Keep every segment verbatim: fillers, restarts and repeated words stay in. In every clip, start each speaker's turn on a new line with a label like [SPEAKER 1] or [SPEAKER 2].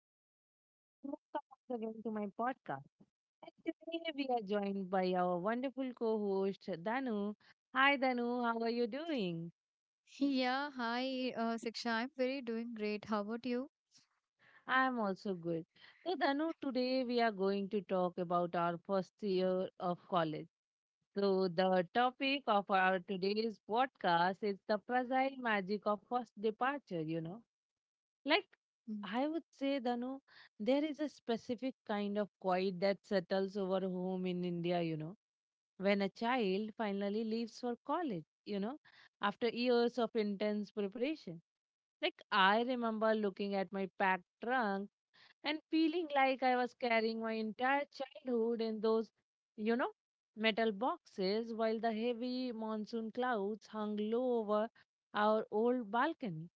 [SPEAKER 1] Hello, everyone, and welcome once again to my podcast. And today we are joined by our wonderful co host, Danu. Hi, Danu, how are you doing?
[SPEAKER 2] Yeah, hi, uh, Siksha, I'm very doing great. How about you?
[SPEAKER 1] I am also good. So, Danu, today we are going to talk about our first year of college. So, the topic of our today's podcast is the fragile magic of first departure, you know. Like,
[SPEAKER 2] Mm-hmm.
[SPEAKER 1] I would say, Danu, there is a specific kind of quiet that settles over home in India, you know, when a child finally leaves for college, you know, after years of intense preparation. Like, I remember looking at my packed trunk and feeling like I was carrying my entire childhood in those, you know, metal boxes while the heavy monsoon clouds hung low over our old balcony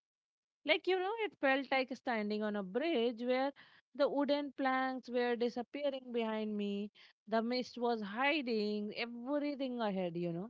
[SPEAKER 1] like, you know, it felt like standing on a bridge where the wooden planks were disappearing behind me. The mist was hiding everything ahead, you know.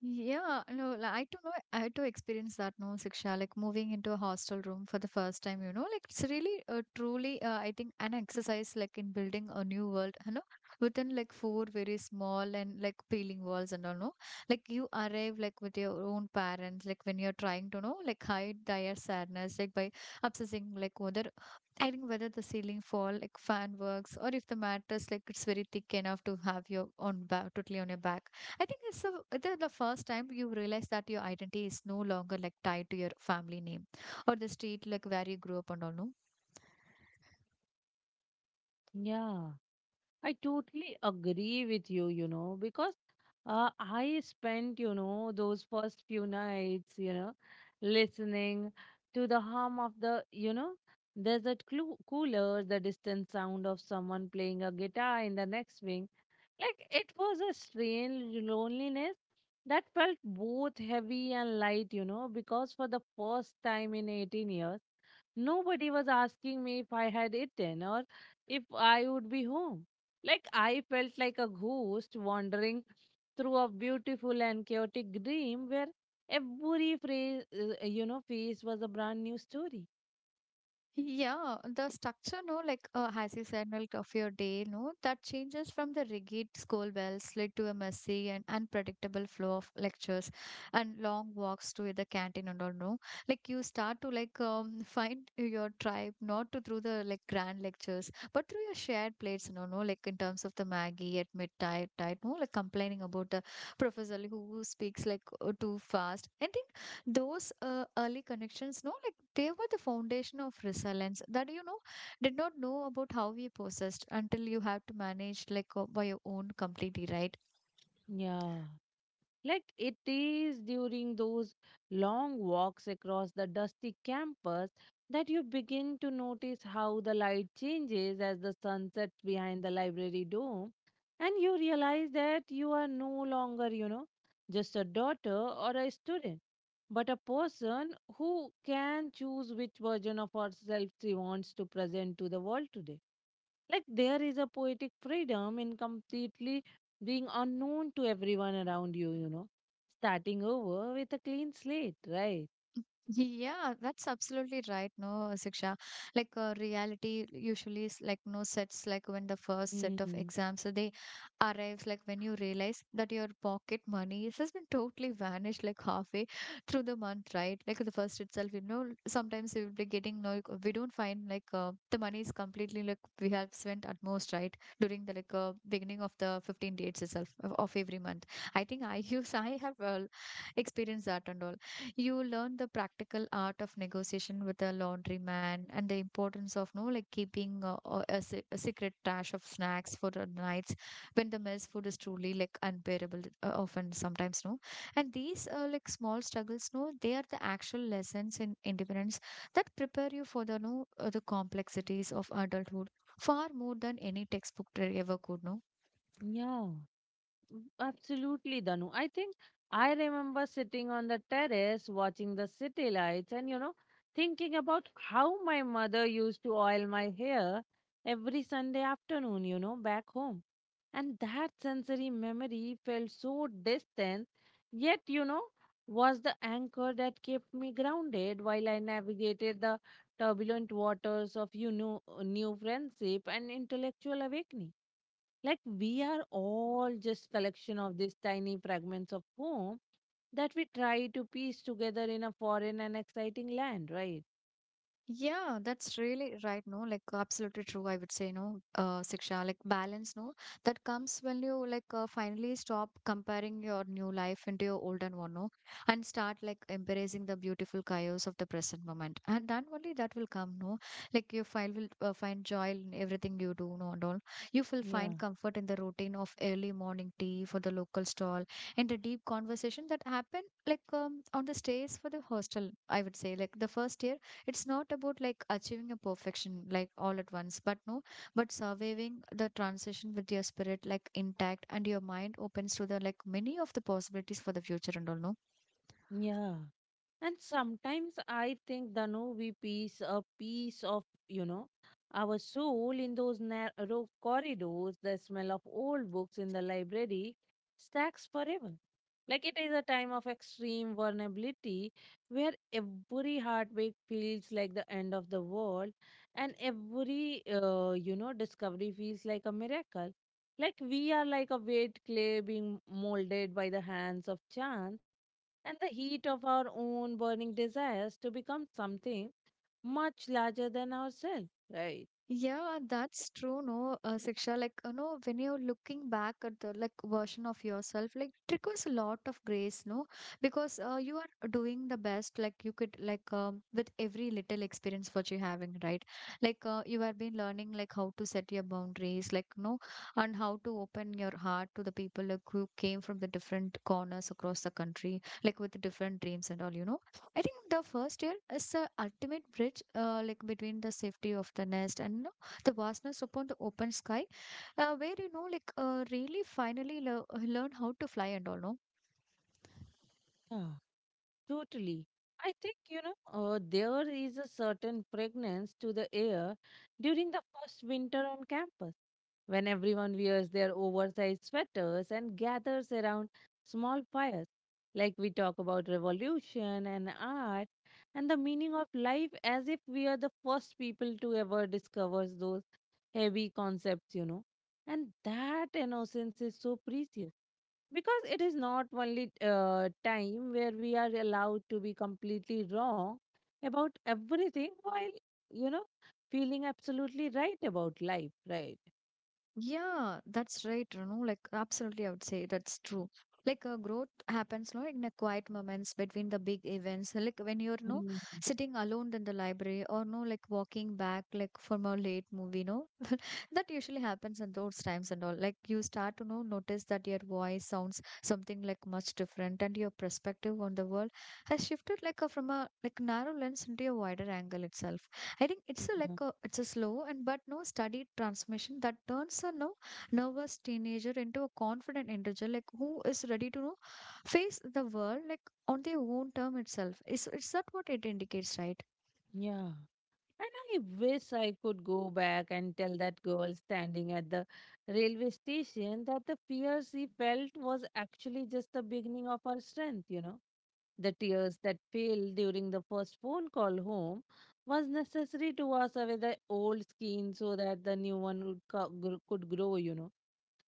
[SPEAKER 2] Yeah, no, li- I don't know. I had to experience that, no, Siksha, like moving into a hostel room for the first time, you know, like it's really, uh, truly, uh, I think, an exercise like in building a new world, you know, within like four very small and like peeling walls and all, no, like you arrive like with your own parents, like when you're trying to know, like hide their sadness, like by obsessing, like whether I think whether the ceiling fall like fan works or if the mattress like it's very thick enough to have your on back totally on your back. I think it's the the the first time you realize that your identity is no longer like tied to your family name or the street like where you grew up and all, no?
[SPEAKER 1] Yeah, I totally agree with you, you know, because uh, I spent, you know, those first few nights, you know, listening to the hum of the, you know, there's that clu- cooler, the distant sound of someone playing a guitar in the next wing. Like it was a strange loneliness that felt both heavy and light, you know, because for the first time in eighteen years, nobody was asking me if I had eaten or if I would be home. Like I felt like a ghost wandering through a beautiful and chaotic dream where every phrase, uh, you know, face was a brand new story.
[SPEAKER 2] Yeah, the structure, no, like uh, as you said, like of your day, no, that changes from the rigid school bell slid to a messy and unpredictable flow of lectures and long walks to the canteen and all, no. Like you start to like um, find your tribe not to through the like grand lectures, but through your shared plates, no, no, like in terms of the Maggie at midnight, no, like complaining about the professor who speaks like uh, too fast. I think those uh, early connections no like they were the foundation of resilience that you know did not know about how we possessed until you have to manage like uh, by your own completely, right.
[SPEAKER 1] Yeah. Like it is during those long walks across the dusty campus that you begin to notice how the light changes as the sun sets behind the library dome, and you realize that you are no longer, you know, just a daughter or a student, but a person who can choose which version of herself she wants to present to the world today. Like there is a poetic freedom in completely being unknown to everyone around you, you know, starting over with a clean slate, right?
[SPEAKER 2] Yeah, that's absolutely right. No, Siksha. Like uh, reality usually is like no sets like when the first set of
[SPEAKER 1] Hmm.
[SPEAKER 2] exams so they arrives, like when you realize that your pocket money has been totally vanished like halfway through the month, right? Like the first itself, you know, sometimes we will be getting no we don't find like uh, the money is completely like we have spent at most, right? During the like uh, beginning of the fifteen dates itself of, of every month. I think I use I have uh, experienced that and all. You learn the practical art of negotiation with a laundryman and the importance of no like keeping uh, uh, a, se- a secret stash of snacks for the nights when the mess food is truly like unbearable uh, often sometimes no. And these uh, like small struggles no they are the actual lessons in independence that prepare you for the no uh, the complexities of adulthood far more than any textbook there ever could, no.
[SPEAKER 1] Yeah, Mm, absolutely, Danu. I think I remember sitting on the terrace watching the city lights and, you know, thinking about how my mother used to oil my hair every Sunday afternoon, you know, back home, and that sensory memory felt so distant, yet you know, was the anchor that kept me grounded while I navigated the turbulent waters of you know uh, new friendship and intellectual awakening. Like we are all just collection of these tiny fragments of home that we try to piece together in a foreign and exciting land, right?
[SPEAKER 2] Yeah, that's really right. No, like absolutely true. I would say no, uh, Siksha, like balance. No, that comes when you like uh, finally stop comparing your new life into your older one. No, and start like embracing the beautiful chaos of the present moment. And then only that will come. No, like you find will uh, find joy in everything you do. No, and all you will
[SPEAKER 1] Yeah.
[SPEAKER 2] find comfort in the routine of early morning tea for the local stall and the deep conversation that happen like um, on the stays for the hostel. I would say like the first year it's not about like achieving a perfection like all at once but no but surviving the transition with your spirit like intact and your mind opens to the like many of the possibilities for the future and all, no.
[SPEAKER 1] Yeah. And sometimes I think the no we piece a piece of, you know, our soul in those narrow corridors, the smell of old books in the library stacks forever. Like it is a time of extreme vulnerability where every heartbreak feels like the end of the world and every uh, you know, discovery feels like a miracle. Like we are like a weight clay being molded by the hands of chance and the heat of our own burning desires to become something much larger than ourselves, right?
[SPEAKER 2] Yeah, that's true, no, uh, Siksha. Like, you know, when you're looking back at the like version of yourself, like it requires a lot of grace, no, because uh, you are doing the best, like you could like um, with every little experience what you're having, right? Like uh, you have been learning like how to set your boundaries, like no, and how to open your heart to the people like who came from the different corners across the country, like with the different dreams and all, you know. I think the first year is the ultimate bridge, uh, like between the safety of the nest and you know, the vastness upon the open sky, uh, where you know, like, uh, really finally le- uh, learn how to fly and all. No,
[SPEAKER 1] Yeah. Totally. I think, you know, uh, there is a certain fragrance to the air during the first winter on campus when everyone wears their oversized sweaters and gathers around small fires. Like we talk about revolution and art and the meaning of life as if we are the first people to ever discover those heavy concepts, you know. And that innocence is so precious because it is not only uh, time where we are allowed to be completely wrong about everything while, you know, feeling absolutely right about life, right?
[SPEAKER 2] yeah, that's right. You know, like, absolutely, I would say that's true. Like, uh, growth happens, no, in the quiet moments between the big events. Like when you're no
[SPEAKER 1] Mm,
[SPEAKER 2] sitting alone in the library, or no, like walking back, like from a late movie, no that usually happens in those times and all like you start to know notice that your voice sounds something like much different and your perspective on the world has shifted like a, from a like narrow lens into a wider angle itself. I think it's a
[SPEAKER 1] yeah.
[SPEAKER 2] like a it's a slow and but no studied transmission that turns a no nervous teenager into a confident individual like who is ready to know face the world like on their own term itself is is that what it indicates, right.
[SPEAKER 1] Yeah. And I wish I could go back and tell that girl standing at the railway station that the fear she felt was actually just the beginning of her strength, you know. The tears that fell during the first phone call home was necessary to wash away the old skin so that the new one would co- gr- could grow, you know.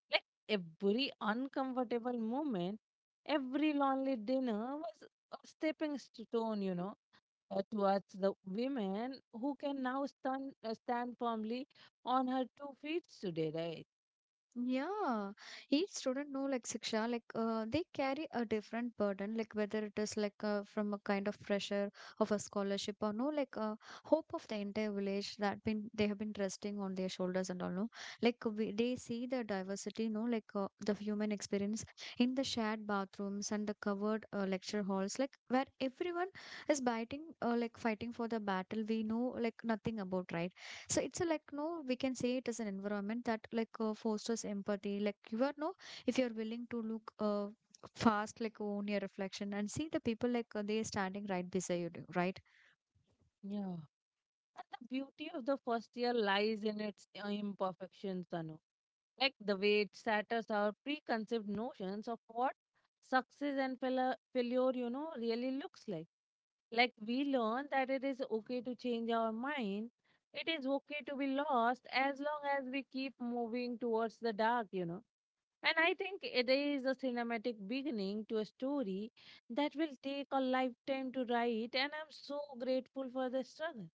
[SPEAKER 1] Like every uncomfortable moment, every lonely dinner was a stepping stone, you know, uh, towards the women who can now stand uh, stand firmly on her two feet today, right?
[SPEAKER 2] Yeah, each student know like Siksha, like uh, they carry a different burden, like whether it is like uh, from a kind of pressure of a scholarship or no, like uh, hope of the entire village that been they have been resting on their shoulders and all no, like we, they see the diversity, no, like uh, the human experience in the shared bathrooms and the covered uh, lecture halls, like where everyone is biting, uh, like fighting for the battle we know like nothing about, right? So it's a like no we can say it as an environment that like uh, fosters empathy like you are no if you're willing to look uh, fast like own your reflection and see the people like uh, they are standing right beside you do- right.
[SPEAKER 1] Yeah. And the beauty of the first year lies in its uh, imperfections, Tanu. Like the way it shatters our preconceived notions of what success and failure, failure, you know, really looks like. Like we learn that it is okay to change our mind. It is okay to be lost as long as we keep moving towards the dark, you know. And I think it is a cinematic beginning to a story that will take a lifetime to write, and I'm so grateful for the struggle.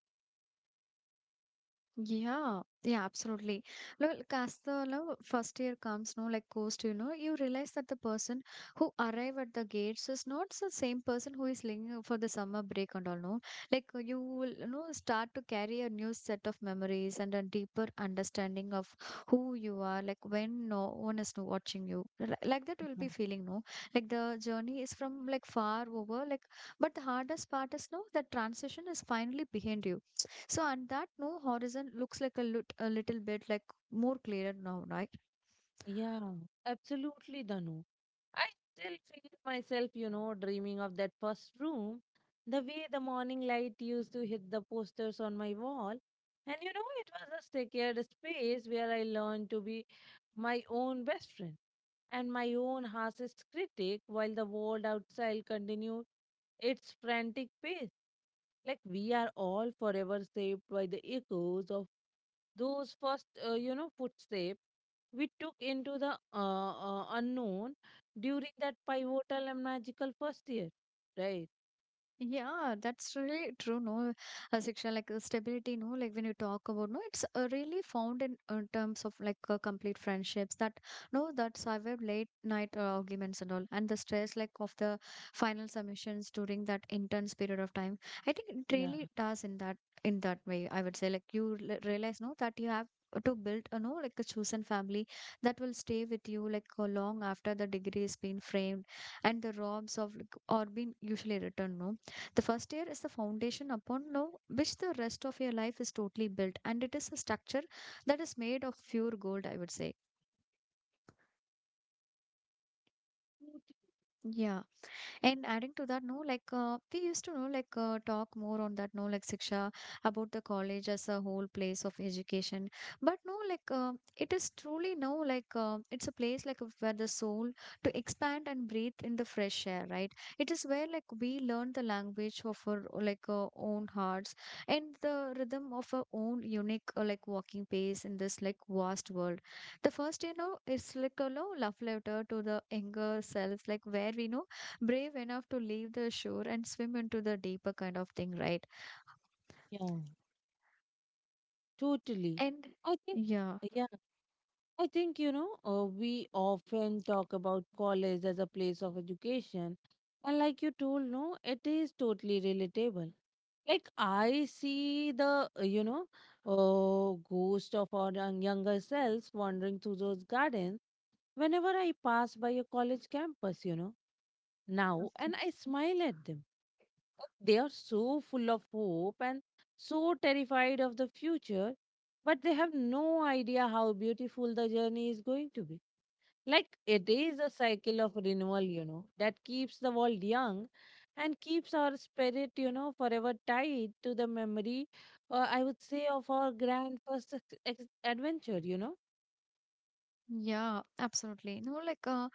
[SPEAKER 2] Yeah, yeah, absolutely. Well, as the lo- first year comes, no, like goes to, you know, you realize that the person who arrive at the gates is not the same person who is lingering for the summer break and all, no. Like uh, you will, you know, start to carry a new set of memories and a deeper understanding of who you are, like when no one is watching you. Li- Like that will be
[SPEAKER 1] Mhm.
[SPEAKER 2] feeling, no. Like the journey is from like far over, like, but the hardest part is, no, that transition is finally behind you so, and that no horizon looks like a, lit- a little bit like more clearer now, right?
[SPEAKER 1] Yeah, absolutely, Danu. I still feel myself, you know, dreaming of that first room, the way the morning light used to hit the posters on my wall. And, you know, it was a secured space where I learned to be my own best friend and my own harshest critic while the world outside continued its frantic pace. Like we are all forever shaped by the echoes of those first, uh, you know, footsteps we took into the uh, uh, unknown during that pivotal and magical first year, right?
[SPEAKER 2] Yeah, that's really true. No, uh, Shiksha, like uh, stability, no, like when you talk about no, it's uh, really found in, uh terms of like uh, complete friendships that no, that survive late night uh, arguments and all, and the stress like of the final submissions during that intense period of time. I think it
[SPEAKER 1] Yeah.
[SPEAKER 2] really does in that in that way. I would say like you l- realize no that you have to build a no like a chosen family that will stay with you like uh, long after the degree has been framed and the robs of like, or been usually returned no the first year is the foundation upon now which the rest of your life is totally built, and it is a structure that is made of pure gold, I would say.
[SPEAKER 1] Tot-
[SPEAKER 2] Yeah. And adding to that, no, like uh, we used to know, like uh, talk more on that, no, like Siksha about the college as a whole place of education. But no, like uh, it is truly now, like uh, it's a place like where the soul to expand and breathe in the fresh air, right? It is where like we learn the language of our like uh, own hearts and the rhythm of our own unique uh, like walking pace in this like vast world. The first, you know, is like a you love letter to the younger self, like where we know brave enough to leave the shore and swim into the deeper kind of thing, right?
[SPEAKER 1] Yeah, totally.
[SPEAKER 2] And
[SPEAKER 1] I think,
[SPEAKER 2] yeah,
[SPEAKER 1] yeah, I think, you know, uh, we often talk about college as a place of education. And like you told, no, it is totally relatable. Like I see the uh, you know, uh, ghost of our young- younger selves wandering through those gardens whenever I pass by a college campus. You know now, and I smile at them. Oh, they are so full of hope and so terrified of the future, but they have no idea how beautiful the journey is going to be. Like it is a cycle of renewal, you know, that keeps the world young and keeps our spirit, you know, forever tied to the memory, uh, I would say, of our grand first ex- ex- adventure, you know.
[SPEAKER 2] yeah, absolutely. No, like uh,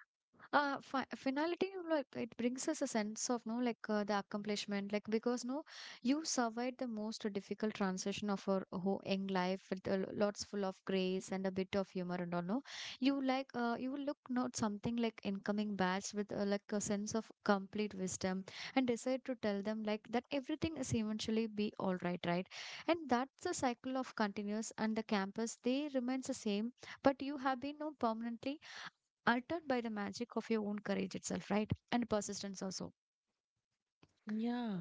[SPEAKER 2] uh fi finality, you know, like it brings us a sense of no, like uh, the accomplishment, like because no, you survived the most difficult transition of your whole young life with a lo- lots full of grace and a bit of humor and all. No, you like uh, you will look not something like incoming batch with uh, like a sense of complete wisdom and decide to tell them like that everything is eventually be all right, right? And that's the cycle of continuous and the campus. They remains the same but you have been now permanently altered by the magic of your own courage itself, right? And persistence also.
[SPEAKER 1] Yeah.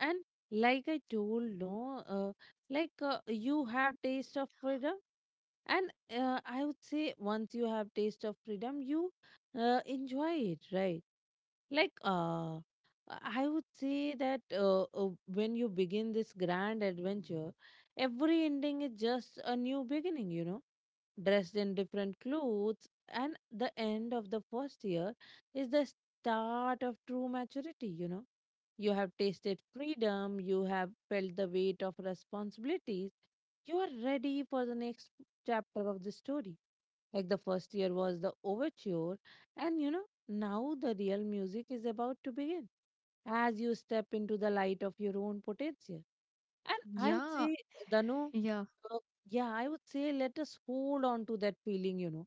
[SPEAKER 1] And like I told, no, uh, like uh, you have taste of freedom, and uh, I would say once you have taste of freedom, you uh, enjoy it, right? Like, uh, I would say that uh, uh, when you begin this grand adventure, every ending is just a new beginning, you know, dressed in different clothes. And the end of the first year is the start of true maturity, you know. You have tasted freedom, you have felt the weight of responsibilities, you are ready for the next chapter of the story. Like the first year was the overture, and you know, now the real music is about to begin as you step into the light of your own potential. And I would
[SPEAKER 2] Yeah,
[SPEAKER 1] say, Danu,
[SPEAKER 2] yeah,
[SPEAKER 1] uh, yeah, I would say let us hold on to that feeling, you know,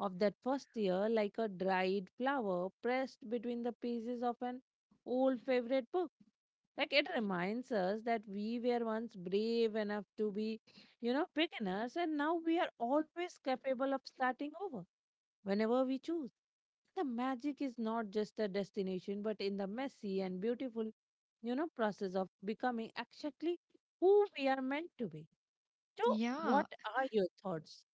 [SPEAKER 1] of that first year like a dried flower pressed between the pages of an old favorite book. Like it reminds us that we were once brave enough to be, you know, beginners and now we are always capable of starting over whenever we choose. The magic is not just a destination, but in the messy and beautiful, you know, process of becoming exactly who we are meant to be. So,
[SPEAKER 2] yeah.
[SPEAKER 1] what are your thoughts?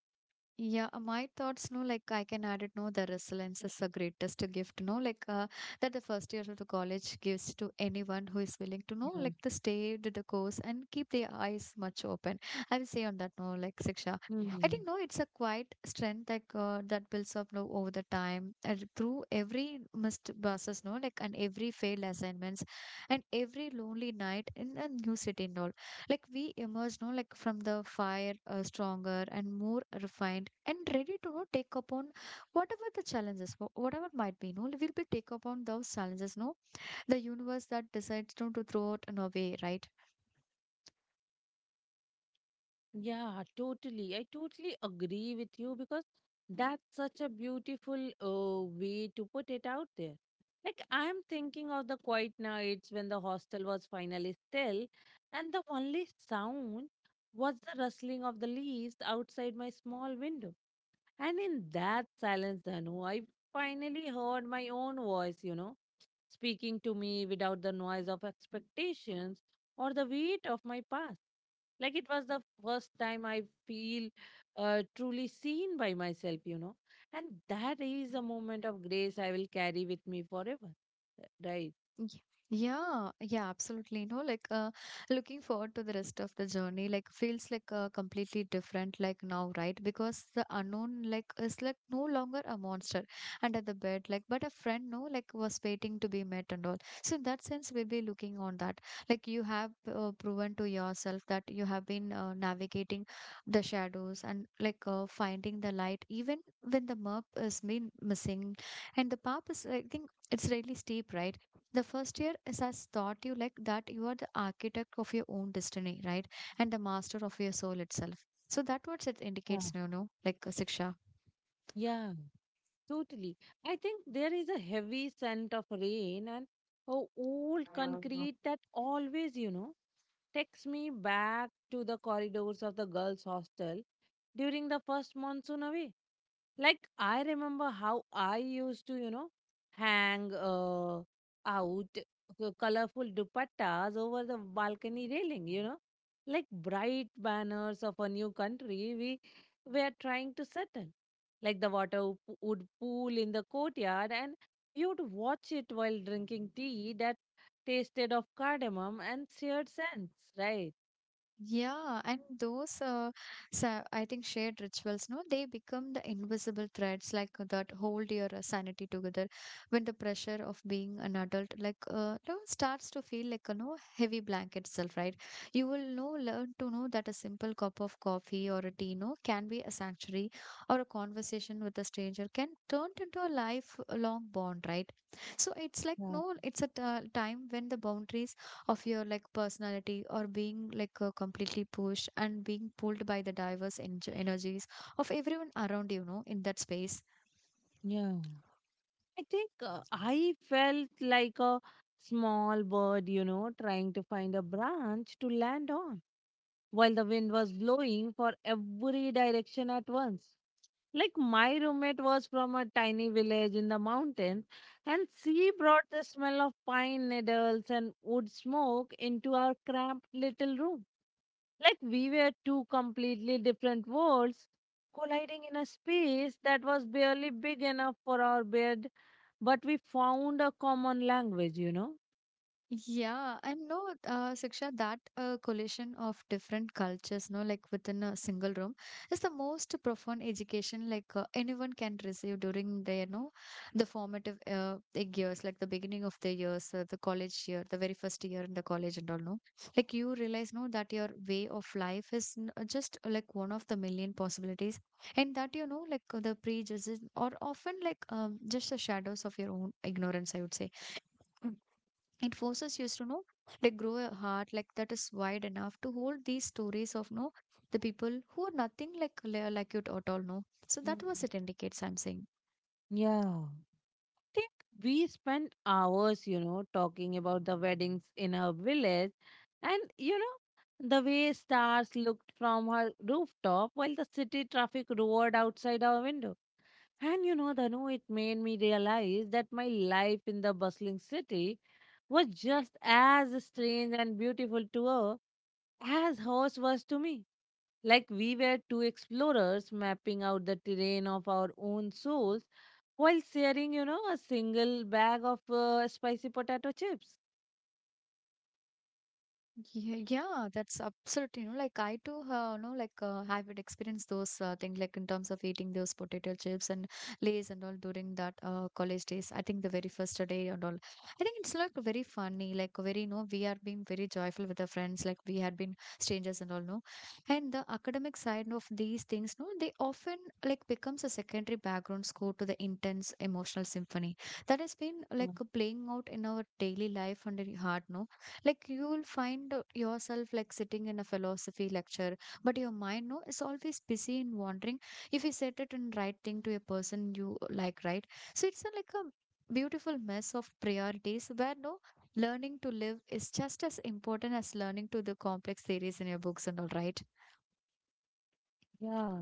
[SPEAKER 2] Yeah, uh, my thoughts, no, like I can add it, no, the resilience is the greatest gift, no, like uh, that the first year of the college gives to anyone who is willing to know, like the stay to the course and keep their eyes much open. I will say on that, no, like Siksha,
[SPEAKER 1] Yeah.
[SPEAKER 2] I think, no, it's a quiet strength like uh, that builds up, no, over the time and through every missed buses, no, like and every failed assignments and every lonely night in a new city and all, like we emerge, no, like from the fire, uh, stronger and more refined and ready to no know, take upon whatever the challenges, wh- whatever might be, no, we'll be take upon those challenges, no, the universe that decides, no, to throw it in a way, right?
[SPEAKER 1] Yeah, totally. I totally agree with you because that's such a beautiful uh, way to put it out there. Like, I'm thinking of the quiet nights when the hostel was finally still, and the only sound was the rustling of the leaves outside my small window. And in that silence, Danu, I finally heard my own voice, you know, speaking to me without the noise of expectations or the weight of my past. Like it was the first time I feel uh, truly seen by myself, you know. And that is a moment of grace I will carry with me forever. Uh, Right.
[SPEAKER 2] Y- Yeah, yeah, absolutely. No, like uh, looking forward to the rest of the journey, like feels like uh, completely different, like now, right? Because the unknown, like, is like no longer a monster under the bed, like, but a friend, no, like, was waiting to be met and all. So, in that sense, we'll be looking on that. Like, you have uh, proven to yourself that you have been uh, navigating the shadows and like uh, finding the light, even when the map has been missing, and the path is, I think, it's really steep, right? The first year is has taught you like that you are the architect of your own destiny, right? And the master of your soul itself. So that what it
[SPEAKER 1] Yeah.
[SPEAKER 2] indicates, you know, like a Siksha.
[SPEAKER 1] Yeah, totally. I think there is a heavy scent of rain and a old concrete that always, you know, takes me back to the corridors of the girls' hostel during the first monsoon away. Like I remember how I used to, you know, hang uh, out the colorful dupattas over the balcony railing, you know, like bright banners of a new country we were trying to settle. Like the water w- would pool in the courtyard, and you'd watch it while drinking tea that tasted of cardamom and seared sands, right?
[SPEAKER 2] Yeah, and those uh, sa I think shared rituals, no, they become the invisible threads like uh, that hold your uh, sanity together when the pressure of being an adult like uh, no, starts to feel like a no heavy blanket itself, right? You will know learn to know that a simple cup of coffee or a tea, no, can be a sanctuary, or a conversation with a stranger can turn into a lifelong bond, right? So it's like
[SPEAKER 1] Yeah.
[SPEAKER 2] no, it's a t- uh, time when the boundaries of your like personality or being like uh, completely pushed and being pulled by the diverse en- energies of everyone around, you know, in that space.
[SPEAKER 1] Yeah. I think uh, I felt like a small bird, you know, trying to find a branch to land on while the wind was blowing for every direction at once. Like my roommate was from a tiny village in the mountains, and she brought the smell of pine needles and wood smoke into our cramped little room. Like we were two completely different worlds colliding in a space that was barely big enough for our bed, but we found a common language, you know.
[SPEAKER 2] Yeah, and no, uh, Siksha, that uh, collision of different cultures, no, like within a single room, is the most profound education like uh, anyone can receive during their, no, the formative uh, like years, like the beginning of the years, uh, the college year, the very first year in the college and all, no, like you realize, no, that your way of life is n- uh, just uh, like one of the million possibilities, and that you know, like uh, the prejudices are often like um, just the shadows of your own ignorance, I would say. It forces you to know like grow a heart like that is wide enough to hold these stories of no, the people who are nothing like li- like you at all, no. So that
[SPEAKER 1] Mm.
[SPEAKER 2] was it indicates, I'm saying.
[SPEAKER 1] Yeah. think we spent hours, you know, talking about the weddings in her village. And, you know, the way stars looked from her rooftop while the city traffic roared outside our window. And, you know, Dhanu, it made me realize that my life in the bustling city was just as strange and beautiful to her as hers was to me. Like we were two explorers mapping out the terrain of our own souls while sharing, you know, a single bag of uh, spicy potato chips.
[SPEAKER 2] Yeah, yeah, that's absolutely, you know, like I too, uh, know, like uh, have it experienced those uh, things, like in terms of eating those potato chips and lays and all during that uh, college days. I think the very first day and all. I think it's like very funny, like very, you know, we are being very joyful with our friends, like we had been strangers and all, no. And the academic side of these things, no, they often like becomes a secondary background score to the intense emotional symphony that has been like
[SPEAKER 1] Mm.
[SPEAKER 2] playing out in our daily life and in heart, no, like you will find uh, yourself like sitting in a philosophy lecture, but your mind no is always busy in wandering. If you set it in right thing to a person you like, right? So it's a, like a beautiful mess of priorities where no, learning to live is just as important as learning to the complex theories in your books and all, right?
[SPEAKER 1] Yeah.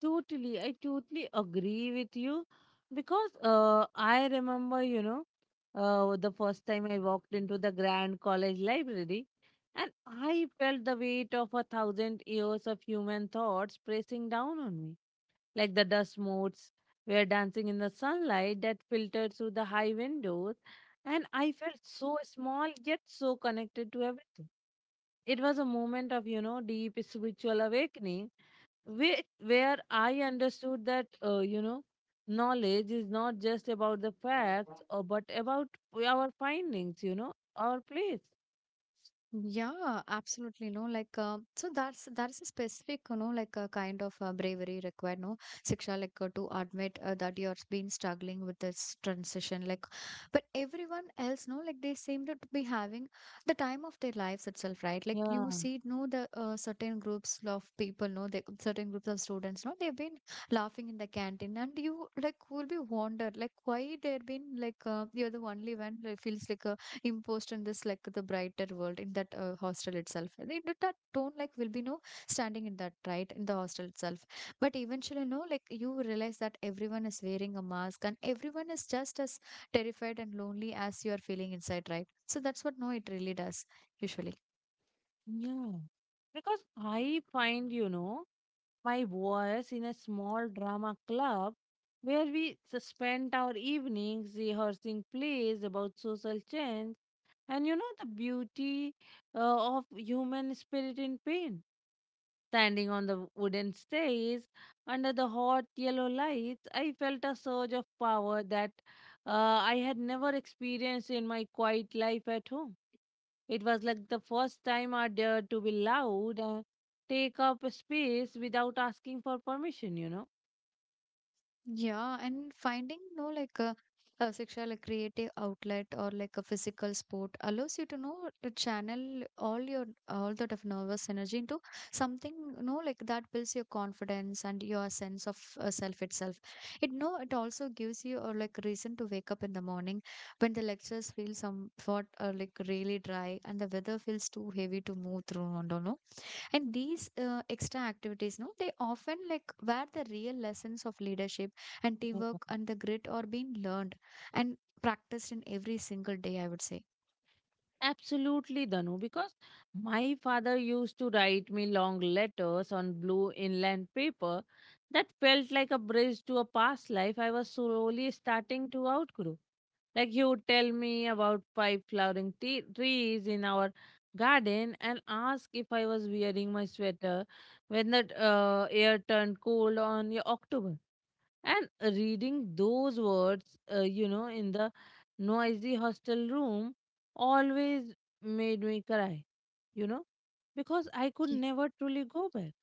[SPEAKER 1] Totally, I totally agree with you because uh, I remember, you know, uh, the first time I walked into the Grand College Library, and I felt the weight of a thousand years of human thoughts pressing down on me. Like the dust motes were dancing in the sunlight that filtered through the high windows, and I felt so small yet so connected to everything. It was a moment of, you know, deep spiritual awakening where, where I understood that uh, you know knowledge is not just about the facts or but about our findings you know our place.
[SPEAKER 2] Yeah, absolutely. No, like um, so that's that is a specific, you know, like a kind of uh, bravery required. No, Siksha, like uh, to admit uh, that you're been struggling with this transition. Like, but everyone else, no, like they seem to be having the time of their lives itself, right? Like
[SPEAKER 1] Yeah.
[SPEAKER 2] you see, no, the uh, certain groups of people, no, the certain groups of students, no, they've been laughing in the canteen, and you like will be wondered, like why they've been like uh, you're the only one who feels like a imposed in this like the brighter world in that uh, hostel itself. And it, that tone like will be no standing in that right in the hostel itself. But eventually no like you realize that everyone is wearing a mask and everyone is just as terrified and lonely as you are feeling inside, right? So that's what no it really does usually.
[SPEAKER 1] Yeah. Because I find you know my voice in a small drama club where we s- spent our evenings rehearsing plays about social change and you know the beauty uh, of human spirit in pain. Standing on the wooden stairs under the hot yellow lights, I felt a surge of power that uh, I had never experienced in my quiet life at home. It was like the first time I dared to be loud and take up a space without asking for permission, you know.
[SPEAKER 2] Yeah, and finding no like a, a sexual like, creative outlet or like a physical sport allows you to know to channel all your all that of nervous energy into something you know like that builds your confidence and your sense of uh, self itself. It no, it also gives you a like reason to wake up in the morning when the lectures feel somewhat uh, like really dry and the weather feels too heavy to move through. I do, and these uh, extra activities no they often like where the real lessons of leadership and
[SPEAKER 1] Yeah.
[SPEAKER 2] teamwork and the grit are being learned and practiced in every single day, I would say.
[SPEAKER 1] Absolutely, Danu, because my father used to write me long letters on blue inland paper that felt like a bridge to a past life I was slowly starting to outgrow. Like he would tell me about five flowering te- trees in our garden and ask if I was wearing my sweater when the uh, air turned cold on y- October. And reading those words, uh, you know, in the noisy hostel room always made me cry, you know, because I could never truly go back.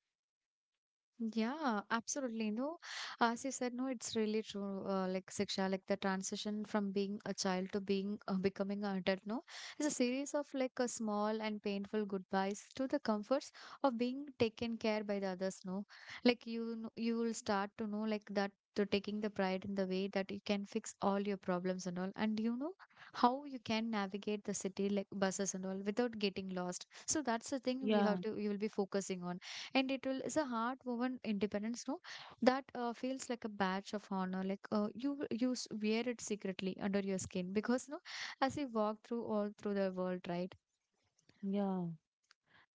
[SPEAKER 2] Yeah, absolutely. No, as you said, no, it's really true. Uh, like Siksha, like the transition from being a child to being uh, becoming an adult, no, is a series of like a small and painful goodbyes to the comforts of being taken care by the others. No, like you, know, you will start to know like that. To taking the pride in the way that you can fix all your problems and all, and you know how you can navigate the city like buses and all without getting lost. So that's the thing we
[SPEAKER 1] Yeah.
[SPEAKER 2] have to, you will be focusing on. And it will is a hard woven independence, no, that uh, feels like a badge of honor like uh, you you s- wear it secretly under your skin, because no, as you walk through all through the world, right?
[SPEAKER 1] Yeah.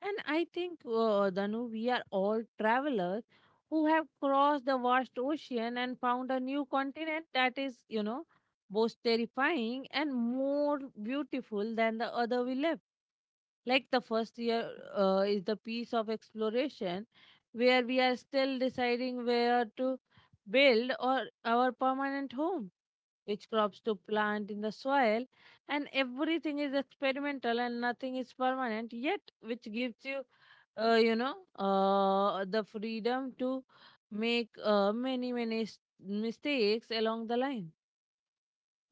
[SPEAKER 1] And I think, uh, Danu, we are all travelers who have crossed the vast ocean and found a new continent that is, you know, both terrifying and more beautiful than the other we left. Like the first year uh, is the piece of exploration where we are still deciding where to build or our permanent home, which crops to plant in the soil, and everything is experimental and nothing is permanent, yet, which gives you, uh, you know, uh, the freedom to make uh, many, many s- mistakes along the line.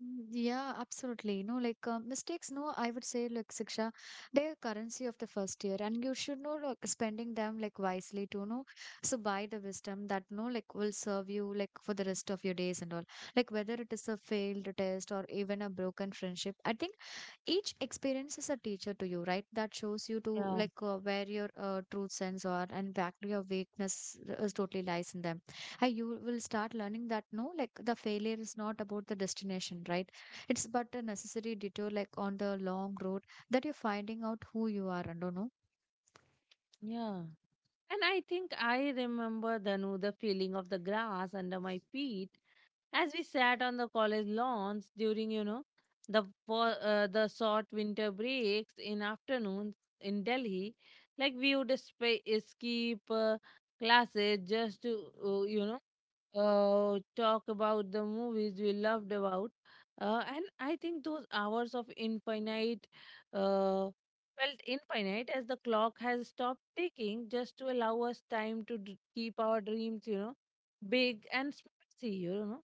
[SPEAKER 2] Mm, yeah, absolutely. No, like uh, mistakes, no, I would say, like Siksha, they're currency of the first year, and you should know, like, spending them like wisely to know. So, buy the wisdom that, no, like, will serve you, like, for the rest of your days and all. Like, whether it is a failed test or even a broken friendship, I think each experience is a teacher to you, right? That shows you to
[SPEAKER 1] Yeah.
[SPEAKER 2] like uh, where your uh, truth sense are and back to your weakness is totally lies in them. And you will start learning that no like the failure is not about the destination, right? It's but a necessary detour like on the long road that you're finding out who you are and do know.
[SPEAKER 1] Yeah. And I think I remember Danu, the feeling of the grass under my feet as we sat on the college lawns during you know the wa- uh, the short winter breaks in afternoons in Delhi. Like we would sp- skip uh, classes just to uh, you know uh, talk about the movies we loved about uh, And I think those hours of infinite uh, felt infinite as the clock has stopped ticking just to allow us time to d- keep our dreams you know big and spicy you know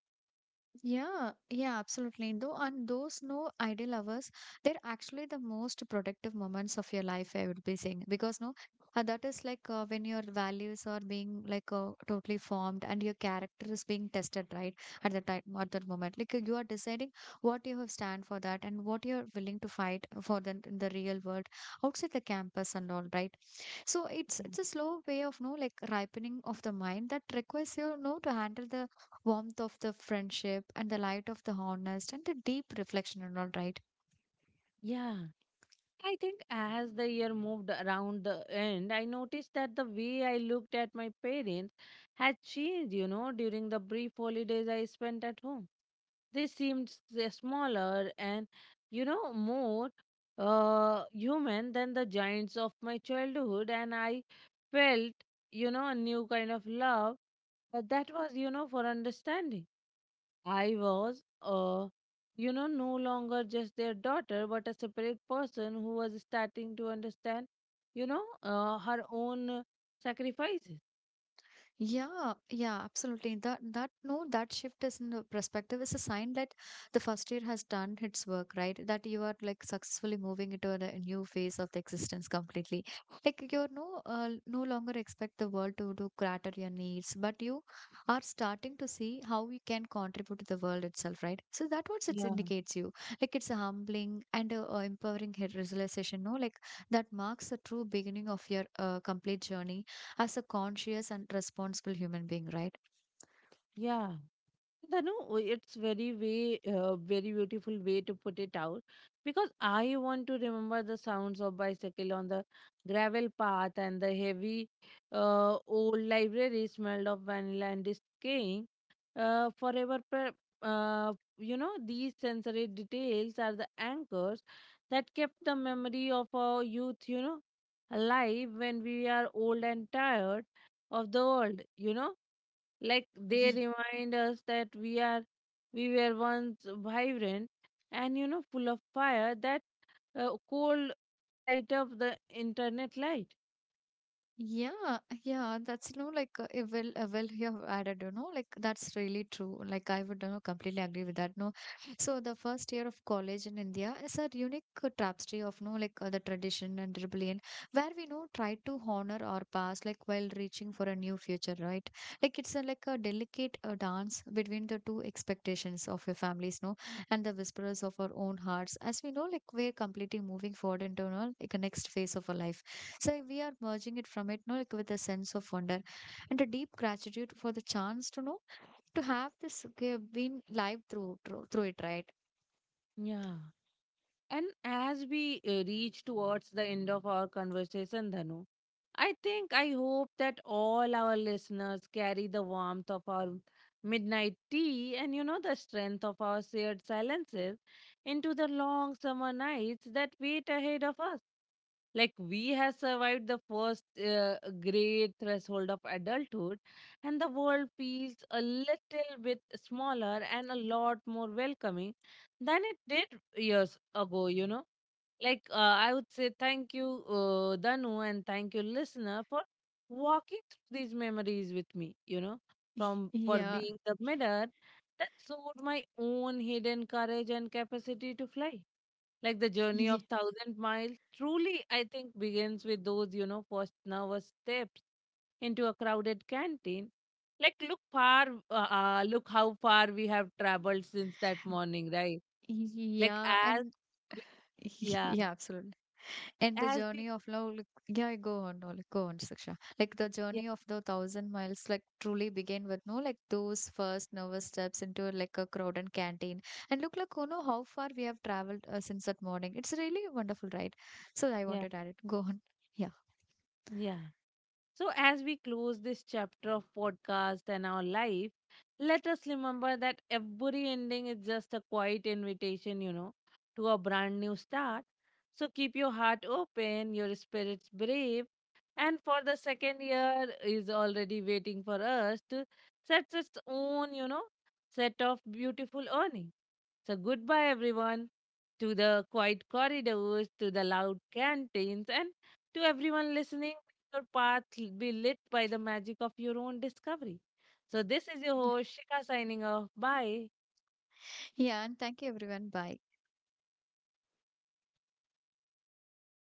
[SPEAKER 2] Yeah, yeah, absolutely. Though, and those no ideal hours, they're actually the most productive moments of your life, I would be saying. Because, no, uh, that is like uh, when your values are being like uh, totally formed and your character is being tested, right? At the time, at that moment, like uh, you are deciding what you have stand for that and what you're willing to fight for the, in the real world outside the campus and all, right? So it's it's a slow way of no like ripening of the mind that requires you know to handle the warmth of the friendship and the light of the honest and the deep reflection and all, right?
[SPEAKER 1] Yeah. I think as the year moved around the end, I noticed that the way I looked at my parents had changed, you know, during the brief holidays I spent at home. They seemed s- smaller and, you know, more uh, human than the giants of my childhood. And I felt, you know, a new kind of love. But that was, you know, for understanding. I was, uh, you know, no longer just their daughter, but a separate person who was starting to understand, you know, uh, her own uh, sacrifices.
[SPEAKER 2] Yeah, yeah, absolutely. That that no, that shift is in the perspective is a sign that the first year has done its work, right? That you are like successfully moving into a, a new phase of the existence completely. Like you're no uh, no longer expect the world to do cater your needs, but you are starting to see how you can contribute to the world itself, right? So that what it
[SPEAKER 1] Yeah.
[SPEAKER 2] indicates you. Like it's a humbling and a, a empowering realization, no? Like that marks the true beginning of your uh, complete journey as a conscious and responsible human being, right?
[SPEAKER 1] Yeah, Dhanu, it's very way, uh, very beautiful way to put it out because I want to remember the sounds of bicycle on the gravel path and the heavy uh, old library smelled of vanilla and decaying uh, forever. Per uh, you know, these sensory details are the anchors that kept the memory of our youth, you know, alive when we are old and tired of the world, you know Like they
[SPEAKER 2] Yeah.
[SPEAKER 1] remind us that we are we were once vibrant and you know full of fire that uh, cold uh, light of the internet light.
[SPEAKER 2] Yeah, yeah, that's no like uh, eh, well, uh, well, you have added, you know, like that's really true. Like I would, you know, completely agree with that. No, so the first year of college in India is a unique uh, tapestry of no like uh, the tradition and rebellion, where we know try to honor our past, like while reaching for a new future, right? Like it's a, like a delicate uh, dance between the two expectations of your families, no, and the whispers of our own hearts, as we know, like we're completely moving forward into you know, like a next phase of our life. So we are merging it from it, no, like with a sense of wonder and a deep gratitude for the chance to know to have this okay, been live through, through through it, right?
[SPEAKER 1] Yeah. And as we uh, reach towards the end of our conversation, Dhanu, I think I hope that all our listeners carry the warmth of our midnight tea and you know the strength of our shared silences into the long summer nights that wait ahead of us. Like we have survived the first uh, great threshold of adulthood, and the world feels a little bit smaller and a lot more welcoming than it did years ago, you know like uh, I would say thank you uh, Danu, and thank you listener for walking through these memories with me you know from for
[SPEAKER 2] Yeah,
[SPEAKER 1] being the mirror that showed my own hidden courage and capacity to fly. Like the journey
[SPEAKER 2] yeah,
[SPEAKER 1] of thousand miles truly I think begins with those you know first nervous steps into a crowded canteen. Like look far uh, uh, look how far we have traveled since that morning, right? Like
[SPEAKER 2] yeah,
[SPEAKER 1] as
[SPEAKER 2] and
[SPEAKER 1] we- yeah,
[SPEAKER 2] yeah, absolutely. And the
[SPEAKER 1] as we,
[SPEAKER 2] journey of love, like, yeah, go on, no, like, go on, Siksha. Like the
[SPEAKER 1] yeah,
[SPEAKER 2] journey of the thousand miles, like truly begin with no, like those first nervous steps into like a crowded canteen. And look, like, you know, how far we have traveled uh, since that morning. It's really a wonderful ride. So I
[SPEAKER 1] yeah,
[SPEAKER 2] wanted to add it. Go on. Yeah.
[SPEAKER 1] yeah. So, as we close this chapter of podcast and our life, let us remember that every ending is just a quiet invitation, you know, to a brand new start. So, keep your heart open, your spirits brave, and for the second year is already waiting for us to set its own, you know, set of beautiful earning. So, goodbye, everyone, to the quiet corridors, to the loud canteens, and to everyone listening. Your path l- be lit by the magic of your own discovery. So, this is your host, Shika, signing off. Bye.
[SPEAKER 2] Yeah. And thank you, everyone. Bye.